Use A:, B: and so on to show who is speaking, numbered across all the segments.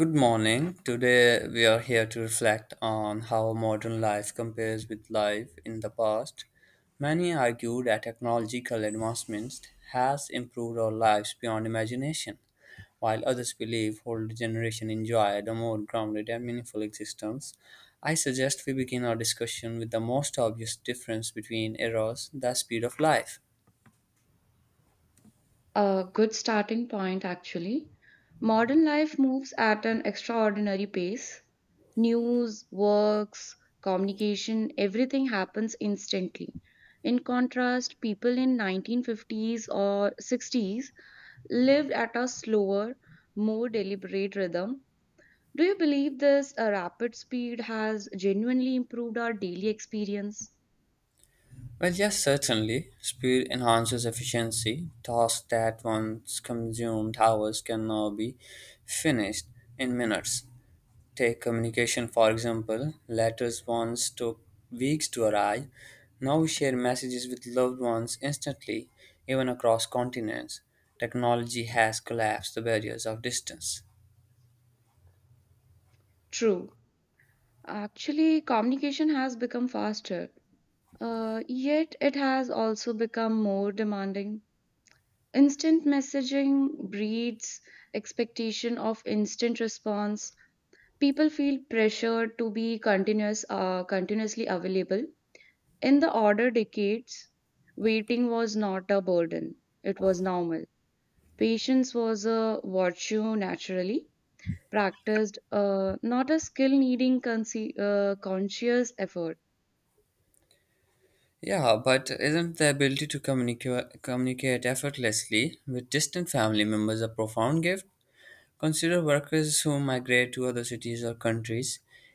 A: Good morning. Today we are here to reflect on how modern life compares with life in the past. Many argue that technological advancements has improved our lives beyond imagination, while others believe older generation enjoyed a more grounded and meaningful existence. I suggest we begin our discussion with the most obvious difference between eras, the speed of life.
B: A good starting point, actually. Modern life moves at an extraordinary pace. News, works, communication, everything happens instantly. In contrast, people in 1950s or 60s lived at a slower, more deliberate rhythm. Do you believe this rapid speed has genuinely improved our daily experience?
A: Well, yes, certainly. Speed enhances efficiency. Tasks that once consumed hours can now be finished in minutes. Take communication, for example. Letters once took weeks to arrive. Now we share messages with loved ones instantly, even across continents. Technology has collapsed the barriers of distance.
B: True. Actually, communication has become faster. Yet it has also become more demanding. Instant messaging breeds expectation of instant response. People feel pressured to be continuously available. In the older decades, waiting was not a burden; it was normal. Patience was a virtue naturally not a skill needing conscious effort.
A: Yeah, but isn't the ability to communicate effortlessly with distant family members a profound gift? Consider workers who migrate to other cities or countries.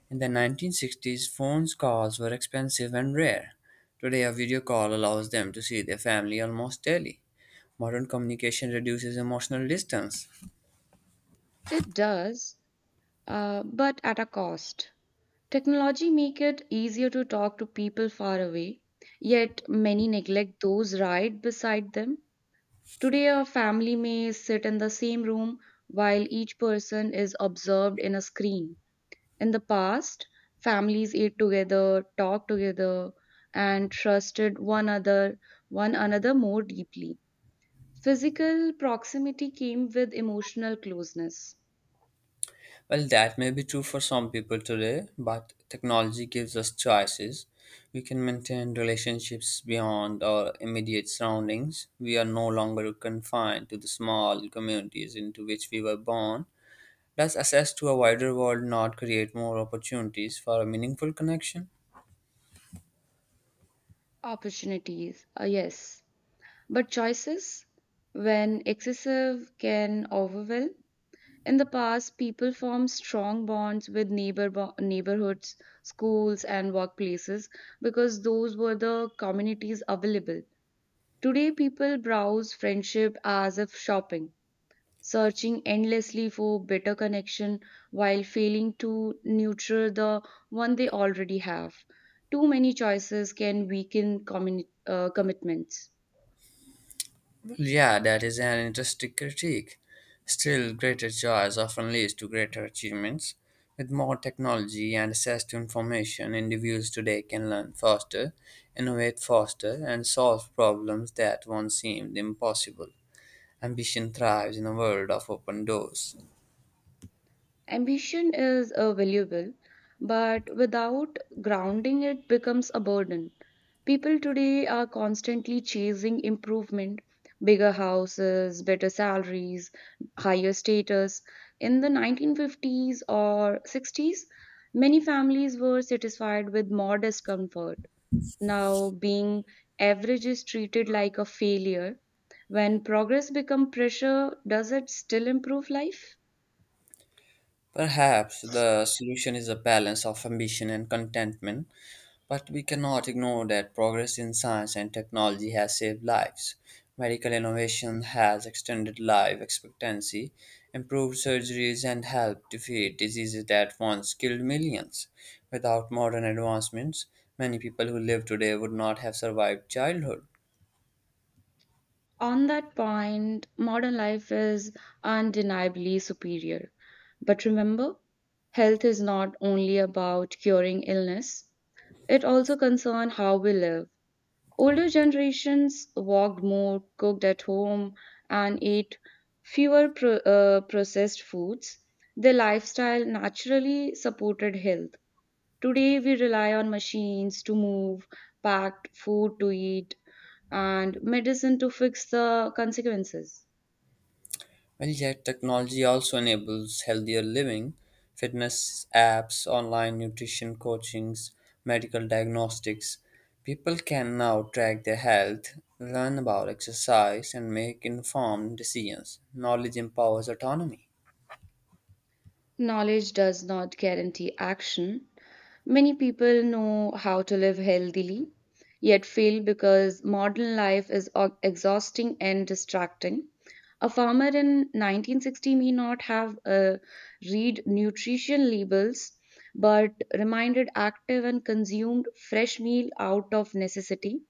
A: In the 1960s, phone calls were expensive and rare. Today, a video call allows them to see their family almost daily. Modern communication reduces emotional distance.
B: It does, but at a cost. Technology make it easier to talk to people far away, yet many neglect those right beside them. Today a family may sit in the same room while each person is observed in a screen. In the past, families ate together, talked together, and trusted one another more deeply. Physical proximity came with emotional closeness.
A: Well, that may be true for some people today, but technology gives us choices. We can maintain relationships beyond our immediate surroundings. We are no longer confined to the small communities into which we were born. Does access to a wider world not create more opportunities for a meaningful connection?
B: Opportunities. Yes. But choices, when excessive, can overwhelm. In the past, people formed strong bonds with neighborhoods, schools, and workplaces because those were the communities available. Today, people browse friendship as if shopping, searching endlessly for better connection while failing to nurture the one they already have. Too many choices can weaken commitments.
A: Well, yeah, that is an interesting critique. Still, greater joys often leads to greater achievements. With more technology and access to information, individuals today can learn faster, innovate faster, and solve problems that once seemed impossible. Ambition thrives in a world of open doors.
B: Ambition is valuable, but without grounding, it becomes a burden. People today are constantly chasing improvement, bigger houses, better salaries, higher status. In the 1950s or 60s, many families were satisfied with modest comfort. Now, being average is treated like a failure. When progress becomes pressure, does it still improve life?
A: Perhaps the solution is a balance of ambition and contentment. But we cannot ignore that progress in science and technology has saved lives. Medical innovation has extended life expectancy, improved surgeries, and helped defeat diseases that once killed millions. Without modern advancements, many people who live today would not have survived childhood.
B: On that point, modern life is undeniably superior. But remember, health is not only about curing illness, it also concerns how we live. Older generations walked more, cooked at home, and ate fewer processed foods. Their lifestyle naturally supported health. Today, we rely on machines to move, packed food to eat, and medicine to fix the consequences.
A: Well, yet technology also enables healthier living. Fitness apps, online nutrition coachings, medical diagnostics. People can now track their health, learn about exercise, and make informed decisions. Knowledge empowers autonomy.
B: Knowledge does not guarantee action. Many people know how to live healthily, yet fail because modern life is exhausting and distracting. A farmer in 1960 may not have read nutrition labels, but remained active and consumed fresh meal out of necessity.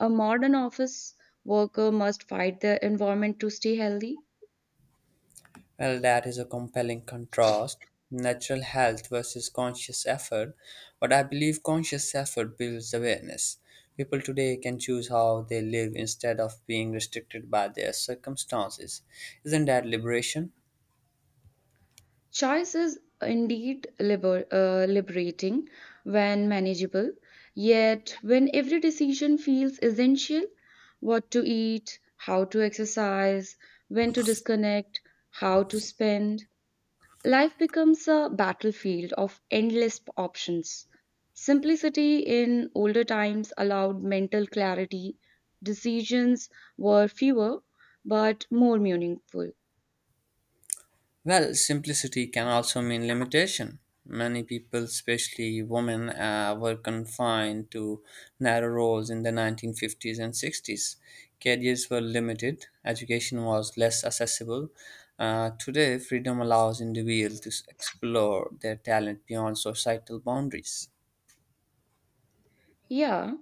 B: A modern office worker must fight the environment to stay healthy.
A: Well, that is a compelling contrast, natural health versus conscious effort. But I believe conscious effort builds awareness. People today can choose how they live instead of being restricted by their circumstances. Isn't that liberation?
B: Choice is indeed liberating when manageable, yet, when every decision feels essential, what to eat, how to exercise, when to disconnect, how to spend, life becomes a battlefield of endless options. Simplicity in older times allowed mental clarity, decisions were fewer but more meaningful.
A: Well, simplicity can also mean limitation. Many people, especially women, were confined to narrow roles in the 1950s and 60s. Careers were limited, education was less accessible. Today, freedom allows individuals to explore their talent beyond societal boundaries.
B: Yeah.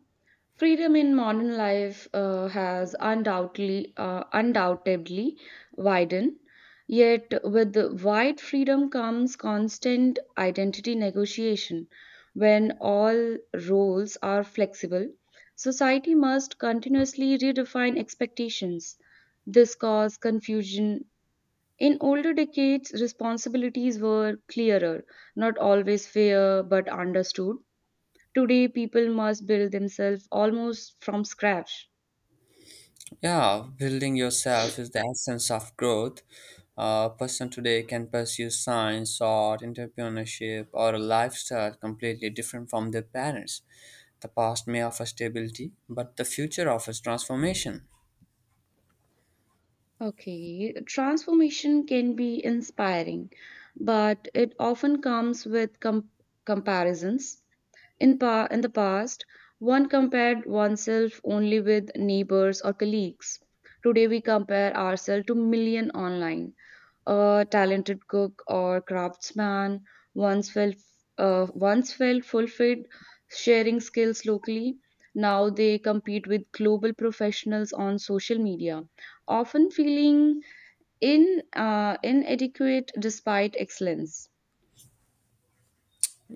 B: Freedom in modern life has undoubtedly widened, yet, with the wide freedom comes constant identity negotiation. When all roles are flexible, society must continuously redefine expectations. This causes confusion. In older decades, responsibilities were clearer, not always fair but understood. Today, people must build themselves almost from scratch.
A: Yeah, building yourself is the essence of growth. A person today can pursue science, art, entrepreneurship, or a lifestyle completely different from their parents. The past may offer stability, but the future offers transformation.
B: Okay, transformation can be inspiring, but it often comes with comparisons. In the past, one compared oneself only with neighbors or colleagues. Today, we compare ourselves to million online. A talented cook or craftsman once felt once felt fulfilled sharing skills locally. Now they compete with global professionals on social media, often feeling inadequate despite excellence.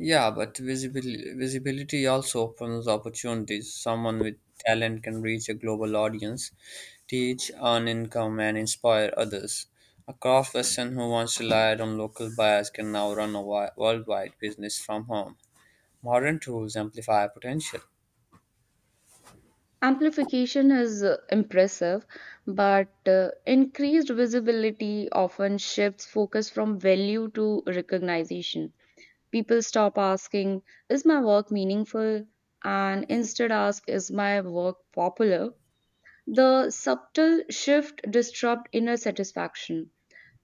A: Yeah, but visibility also opens opportunities. Someone with talent can reach a global audience, teach, earn income, and inspire others. A craft person who once relied on local buyers can now run a worldwide business from home. Modern tools amplify potential.
B: Amplification is impressive, but increased visibility often shifts focus from value to recognition. People stop asking, "Is my work meaningful?" and instead ask, "Is my work popular?" The subtle shift disrupts inner satisfaction.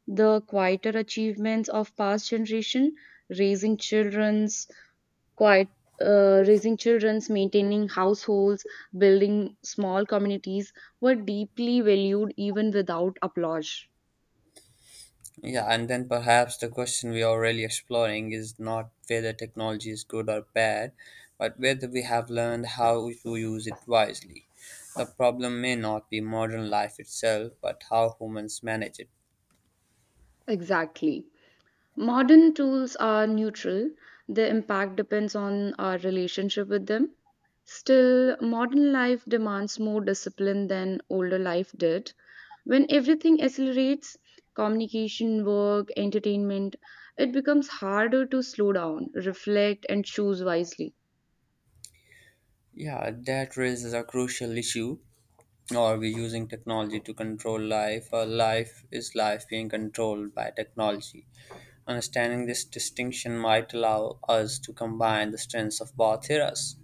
B: The quieter achievements of past generation, raising children's quiet raising children's, maintaining households, building small communities, were deeply valued even without applause.
A: Yeah, and then perhaps the question we are really exploring is not whether technology is good or bad, but whether we have learned how to use it wisely. The problem may not be modern life itself, but how humans manage it.
B: Exactly. Modern tools are neutral, their impact depends on our relationship with them. Still, modern life demands more discipline than older life did. When everything accelerates, communication, work, entertainment, it becomes harder to slow down, reflect, and choose wisely.
A: Yeah, that raises a crucial issue. Are we using technology to control life, or life being controlled by technology? Understanding this distinction might allow us to combine the strengths of both eras.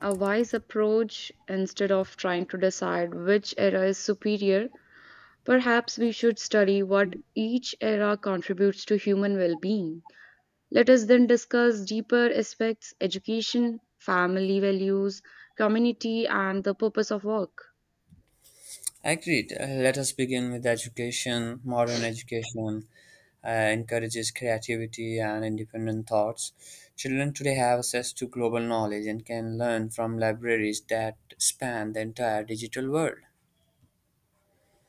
B: A wise approach, instead of trying to decide which era is superior, perhaps we should study what each era contributes to human well being. Let us then discuss deeper aspects, education, family values, community, and the purpose of work.
A: Agreed. Let us begin with education. Modern education encourages creativity and independent thoughts. Children today have access to global knowledge and can learn from libraries that span the entire digital world.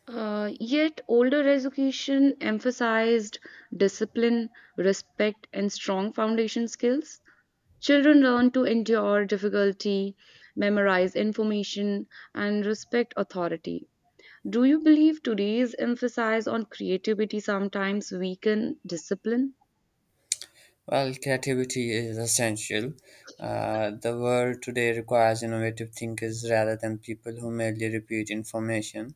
B: Yet, older education emphasized discipline, respect, and strong foundation skills. Children learn to endure difficulty, memorize information, and respect authority. Do you believe today's emphasis on creativity sometimes weaken discipline?
A: While creativity is essential, the world today requires innovative thinkers rather than people who merely repeat information.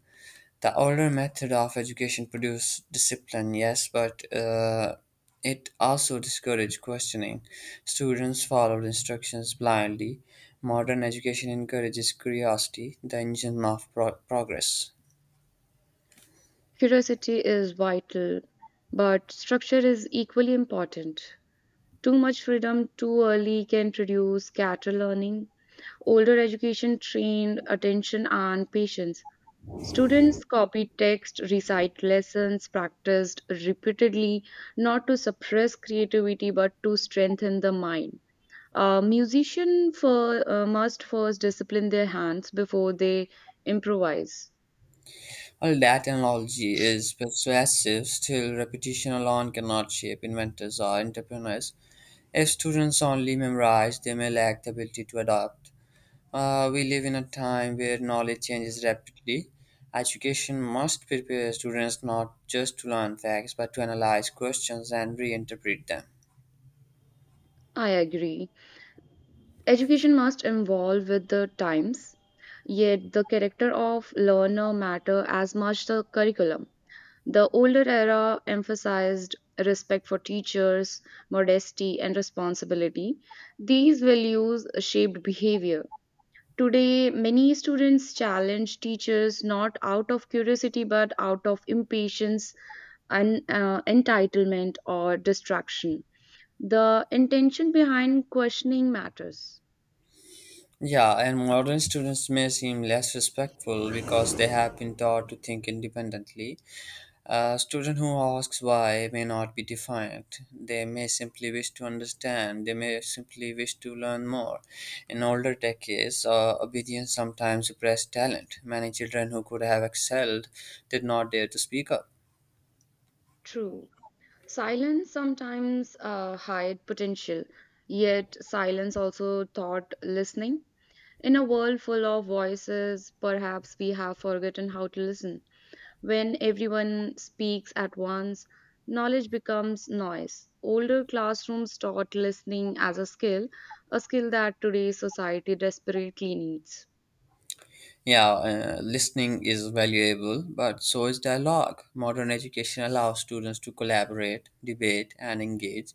A: The older method of education produced discipline, yes, but it also discouraged questioning. Students followed instructions blindly. Modern education encourages curiosity, the engine of progress.
B: Curiosity is vital, but structure is equally important. Too much freedom too early can reduce scatter learning. Older education trained attention and patience. Students copy text, recite lessons, practiced repeatedly, not to suppress creativity but to strengthen the mind. Musician must first discipline their hands before they improvise.
A: While that analogy is persuasive, still repetition alone cannot shape inventors or entrepreneurs. If students only memorize, they may lack the ability to adapt. We live in a time where knowledge changes rapidly. Education must prepare students not just to learn facts but to analyze questions and reinterpret them.
B: I agree. Education must evolve with the times, yet the character of learner matter as much the curriculum. The older era emphasized respect for teachers, modesty and responsibility. These values shaped behavior. Today, many students challenge teachers not out of curiosity but out of impatience, entitlement or distraction. The intention behind questioning matters.
A: Yeah, and modern students may seem less respectful because they have been taught to think independently. A student who asks why may not be defiant. They may simply wish to understand. They may simply wish to learn more. In older decades, obedience sometimes suppressed talent. Many children who could have excelled did not dare to speak up.
B: True. Silence sometimes hide potential, yet silence also taught listening. In a world full of voices, perhaps we have forgotten how to listen. When everyone speaks at once, knowledge becomes noise. Older classrooms taught listening as a skill that today's society desperately needs.
A: Yeah, listening is valuable, but so is dialogue. Modern education allows students to collaborate, debate, and engage.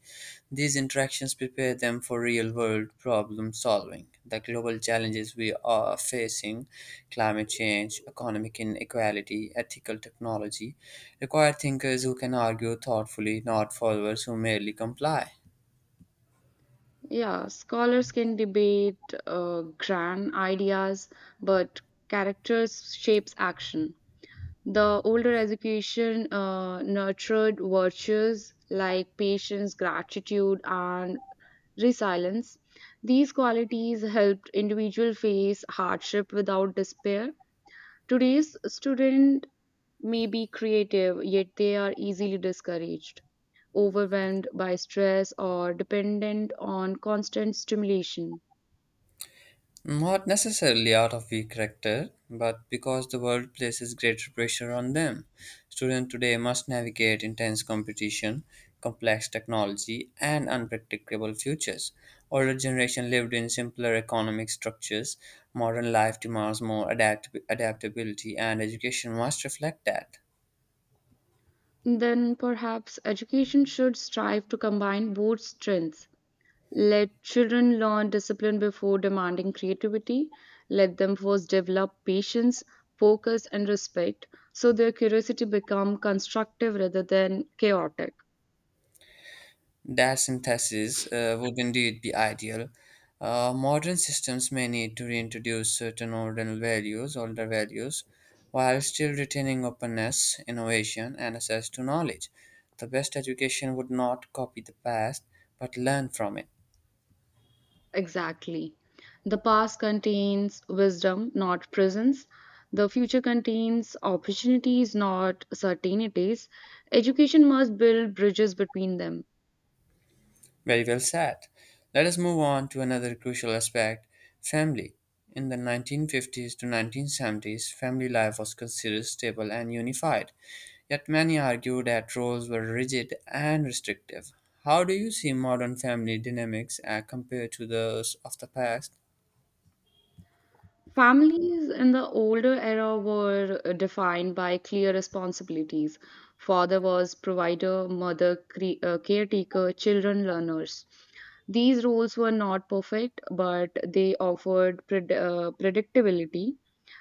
A: These interactions prepare them for real world problem solving. The global challenges we are facing, climate change, economic inequality, ethical technology, require thinkers who can argue thoughtfully, not followers who merely comply.
B: Yeah, scholars can debate grand ideas, but characters shapes action. The older education nurtured virtues like patience, gratitude, and resilience. These qualities helped individual face hardship without despair. Today's student may be creative, yet they are easily discouraged, overwhelmed by stress, or dependent on constant stimulation.
A: Not necessarily out of weak character, but because the world places greater pressure on them. Students today must navigate intense competition, complex technology, and unpredictable futures. Older generation lived in simpler economic structures. Modern life demands more adaptability, and education must reflect that.
B: Then perhaps education should strive to combine both strengths. Let children learn discipline before demanding creativity. Let them first develop patience, focus, and respect so their curiosity become constructive rather than chaotic.
A: That synthesis would indeed be ideal. Modern systems may need to reintroduce certain older values, while still retaining openness, innovation, and access to knowledge. The best education would not copy the past, but learn from it.
B: Exactly. The past contains wisdom, not prisons. The future contains opportunities, not certainties. Education must build bridges between them.
A: Very well said. Let us move on to another crucial aspect: family. In the 1950s to 1970s, family life was considered stable and unified. Yet many argue that roles were rigid and restrictive. How do you see modern family dynamics compared to those of the past?
B: Families in the older era were defined by clear responsibilities. Father was provider, mother caretaker, children learners. These roles were not perfect, but they offered predictability.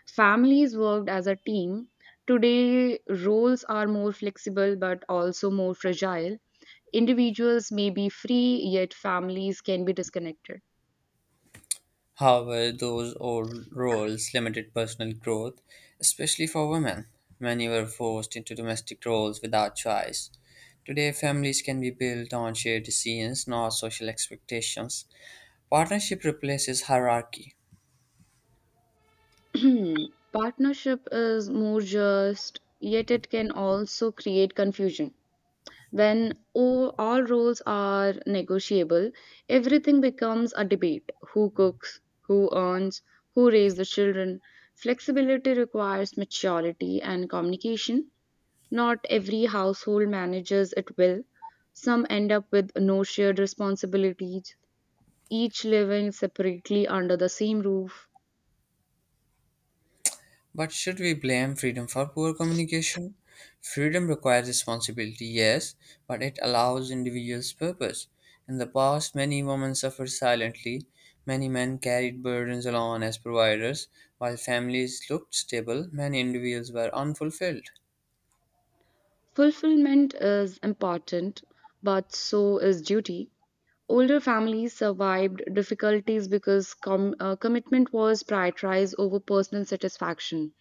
B: Families worked as a team. Today, roles are more flexible but also more fragile. Individuals may be free, yet families can be disconnected.
A: How were those old roles limited personal growth, especially for women? Many were forced into domestic roles without choice. Today, families can be built on shared decisions, not social expectations. Partnership replaces hierarchy.
B: Partnership is more just, yet it can also create confusion. When all roles are negotiable, everything becomes a debate, who cooks, who earns, who raises the children. Flexibility requires maturity and communication. Not every household manages it well. Some end up with no shared responsibilities, each living separately under the same roof.
A: But should we blame freedom for poor communication? Freedom requires responsibility, yes, but it allows individuals purpose. In the past, many women suffered silently. Many men carried burdens alone as providers. While families looked stable, many individuals were unfulfilled.
B: Fulfillment is important, but so is duty. Older families survived difficulties because commitment was prioritized over personal satisfaction.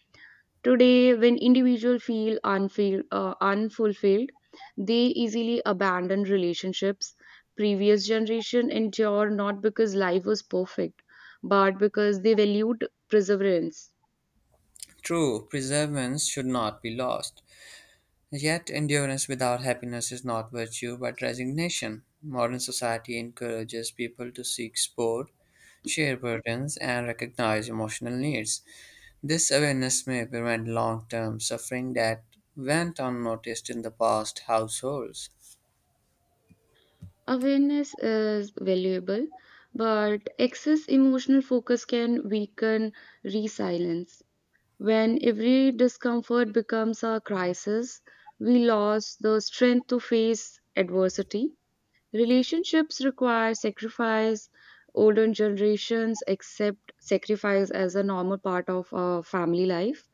B: Today, when individuals feel unfulfilled, they easily abandon relationships. Previous generation endure not because life was perfect, but because they valued perseverance.
A: True, preservance should not be lost. Yet endurance without happiness is not virtue but resignation. Modern society encourages people to seek support, share burdens, and recognize emotional needs. This awareness may prevent long term suffering that went unnoticed in the past households.
B: Awareness is valuable, but excess emotional focus can weaken resilience. When every discomfort becomes a crisis, we lose the strength to face adversity. Relationships require sacrifice. Older generations accept sacrifice as a normal part of family life.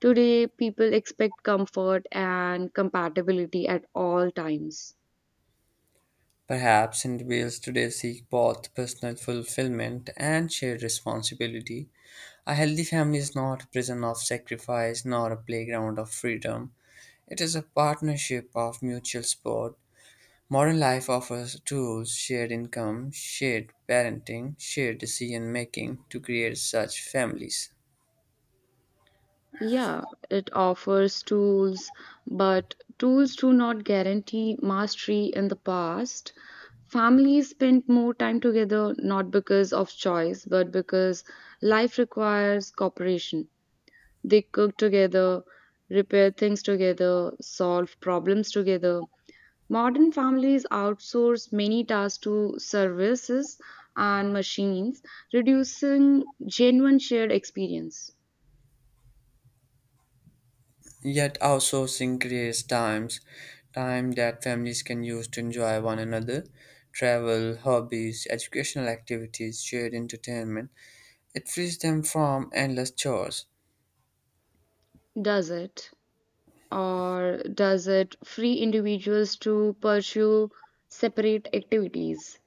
B: Today, people expect comfort and compatibility at all times.
A: Perhaps individuals today seek both personal fulfillment and shared responsibility. A healthy family is not a prison of sacrifice nor a playground of freedom. It is a partnership of mutual support. Modern life offers tools, shared income, shared parenting, shared decision-making to create such families.
B: Yeah, it offers tools, but tools do not guarantee mastery in the past. Families spent more time together not because of choice, but because life requires cooperation. They cook together, repair things together, solve problems together. Modern families outsource many tasks to services and machines, reducing genuine shared experience.
A: Yet outsourcing creates times, time that families can use to enjoy one another, travel, hobbies, educational activities, shared entertainment. It frees them from endless chores.
B: Does it? Or does it free individuals to pursue separate activities?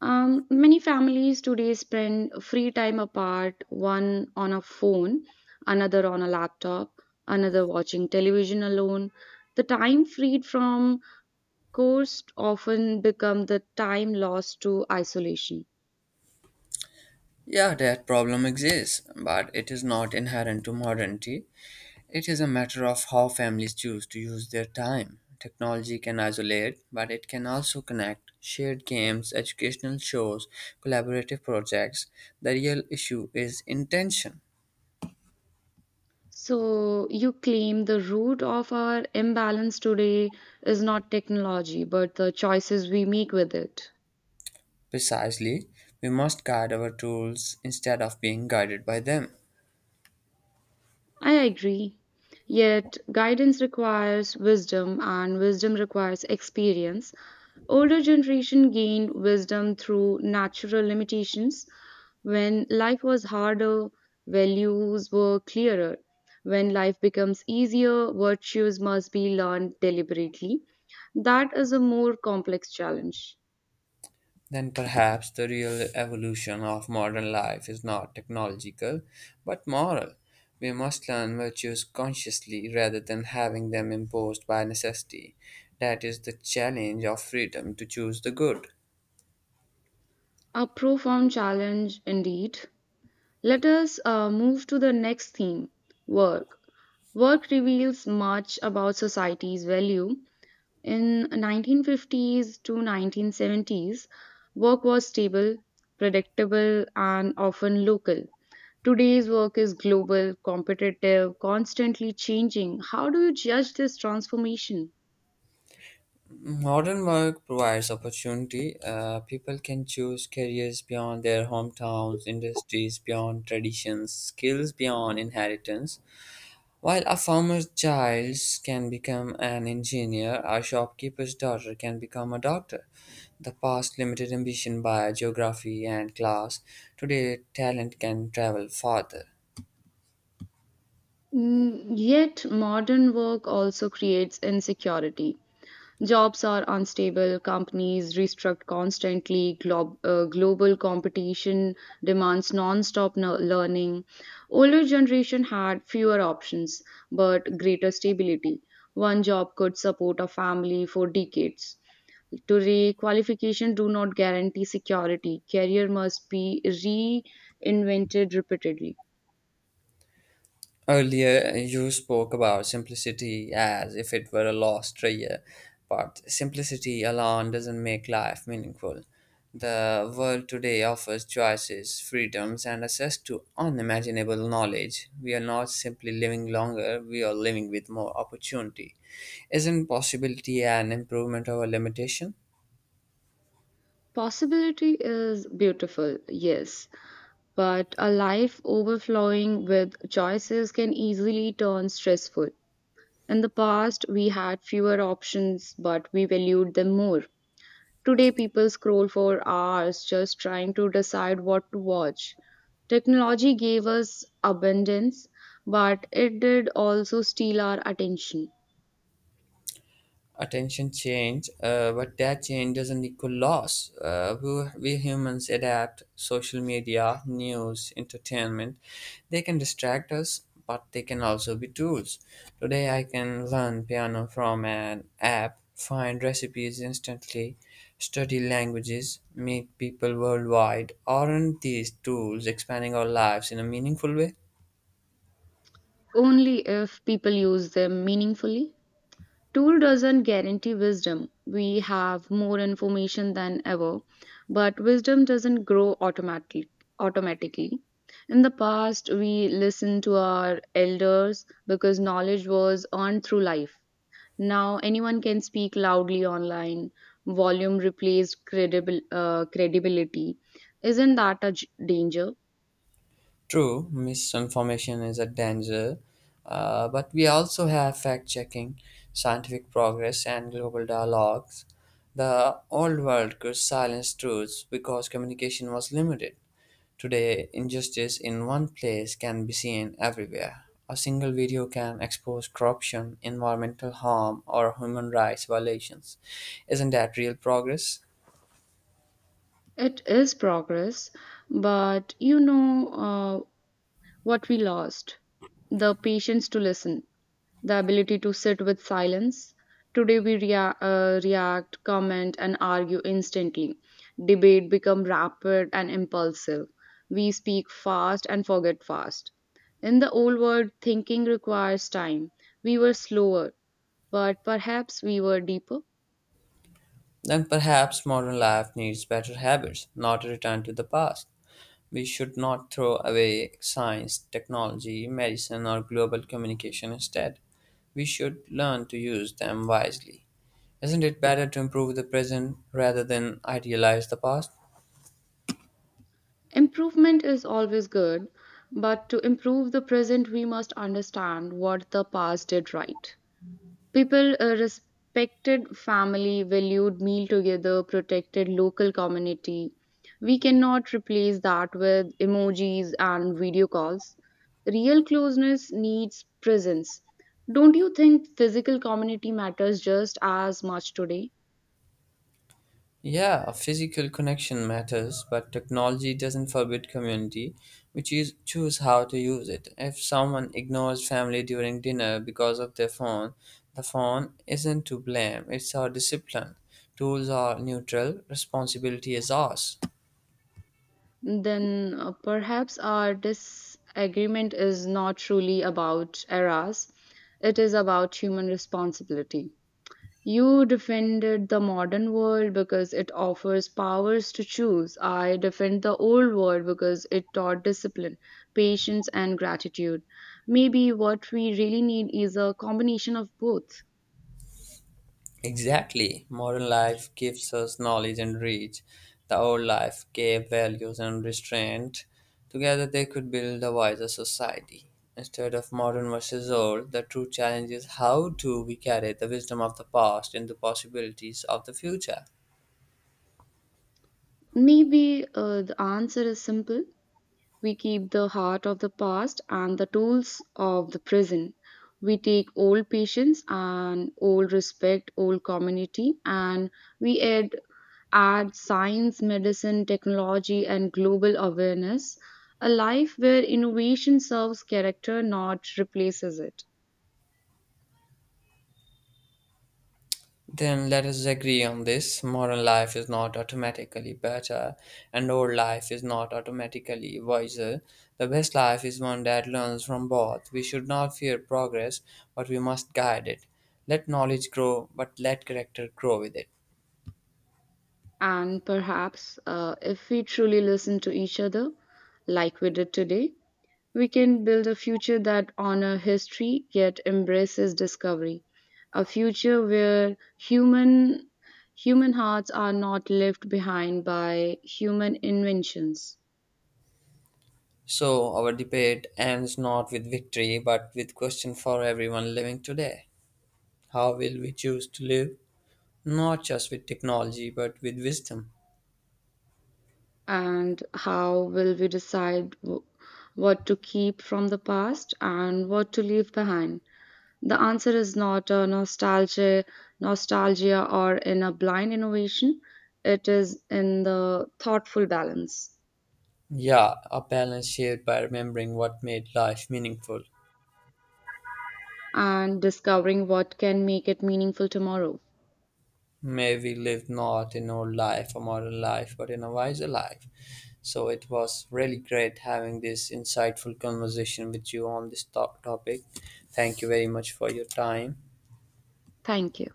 B: Many families today spend free time apart, one on a phone, another on a laptop, another watching television alone. The time freed from course often become the time lost to isolation.
A: Yeah, that problem exists, but it is not inherent to modernity. It is a matter of how families choose to use their time. Technology can isolate, but it can also connect. Shared games, educational shows, collaborative projects. The real issue is intention.
B: So you claim the root of our imbalance today is not technology, but the choices we make with it.
A: Precisely, we must guide our tools instead of being guided by them.
B: I agree. Yet, guidance requires wisdom, and wisdom requires experience. Older generation gained wisdom through natural limitations. When life was harder, values were clearer. When life becomes easier, virtues must be learned deliberately. That is a more complex challenge.
A: Then perhaps the real evolution of modern life is not technological, but moral. We must learn virtues consciously rather than having them imposed by necessity. That is the challenge of freedom to choose the good.
B: A profound challenge indeed. Let us move to the next theme, work. Work reveals much about society's value. In 1950s to 1970s, work was stable, predictable, and often local. Today's work is global, competitive, constantly changing. How do you judge this transformation?
A: Modern work provides opportunity. People can choose careers beyond their hometowns, industries beyond traditions, skills beyond inheritance. While a farmer's child can become an engineer, a shopkeeper's daughter can become a doctor. The past limited ambition by geography and class. Today, talent can travel farther.
B: Yet, modern work also creates insecurity. Jobs are unstable, companies restructure constantly, global competition demands non-stop learning. Older generation had fewer options but greater stability. One job could support a family for decades. Today, qualifications do not guarantee security. Career must be reinvented repeatedly.
A: Earlier, you spoke about simplicity as if it were a lost treasure, but simplicity alone doesn't make life meaningful. The world today offers choices, freedoms, and access to unimaginable knowledge. We are not simply living longer, we are living with more opportunity. Isn't possibility an improvement over limitation?
B: Possibility is beautiful, yes, but a life overflowing with choices can easily turn stressful. In the past, we had fewer options, but we valued them more. Today, people scroll for hours just trying to decide what to watch. Technology gave us abundance, but it did also steal our attention,
A: Attention change, but that change doesn't equal loss. We humans adapt. Social media, news, entertainment, they can distract us, but they can also be tools. Today, I can learn piano from an app, find recipes instantly, study languages, meet people worldwide. Aren't these tools expanding our lives in a meaningful way?
B: only if people use them meaningfully. Tool doesn't guarantee wisdom. We have more information than ever, but wisdom doesn't grow automatically. Automatically, in the past, we listened to our elders because knowledge was earned through life. Now, anyone can speak loudly online. Volume replaced credible credibility. Isn't that a danger?
A: True, misinformation is a danger, but we also have fact checking, scientific progress, and global dialogues. The old world could silence truths because communication was limited. Today, injustice in one place can be seen everywhere. A single video can expose corruption, environmental harm, or human rights violations. Isn't that real progress?
B: It is progress, but what we lost: the patience to listen, the ability to sit with silence. Today we react, comment, and argue instantly. Debate become rapid and impulsive. We speak fast and forget fast. In the old world, thinking requires time. We were slower, but perhaps we were deeper.
A: Then perhaps modern life needs better habits, not a return to the past. We should not throw away science, technology, medicine, or global communication instead. We should learn to use them wisely. Isn't it better to improve the present rather than idealize the past?
B: Improvement is always good, but to improve the present, we must understand what the past did right. People respected family, valued meal together, protected local community. We cannot replace that with emojis and video calls. Real closeness needs presence. Don't you think physical community matters just as much today?
A: Yeah, a physical connection matters, but technology doesn't forbid community. We choose how to use it. If someone ignores family during dinner because of their phone, the phone isn't to blame, it's our discipline. Tools are neutral, responsibility is ours.
B: Then perhaps our disagreement is not truly about eras, it is about human responsibility. You defended the modern world because it offers powers to choose. I defend the old world because it taught discipline, patience, and gratitude. Maybe what we really need is a combination of both.
A: Exactly. Modern life gives us knowledge and reach. The old life gave values and restraint. Together they could build a wiser society. Instead of modern versus old, the true challenge is, how do we carry the wisdom of the past into possibilities of the future?
B: Maybe the answer is simple. We keep the heart of the past and the tools of the present. We take old patience and old respect, old community, and we add science, medicine, technology, and global awareness. A life where innovation serves character, not replaces it.
A: Then let us agree on this. Modern life is not automatically better, and old life is not automatically wiser. The best life is one that learns from both. We should not fear progress, but we must guide it. Let knowledge grow, but let character grow with it.
B: And perhaps if we truly listen to each other, like we did today, we can build a future that honors history yet embraces discovery. A future where human hearts are not left behind by human inventions.
A: So, our debate ends not with victory, but with question for everyone living today. How will we choose to live? Not just with technology, but with wisdom.
B: And how will we decide what to keep from the past and what to leave behind? The answer is not a nostalgia or in a blind innovation. It is in the thoughtful balance.
A: Yeah, a balance shared by remembering what made life meaningful.
B: And discovering what can make it meaningful tomorrow.
A: May we live not in old life, a modern life, but in a wiser life. So it was really great having this insightful conversation with you on this top topic. Thank you very much for your time.
B: Thank you.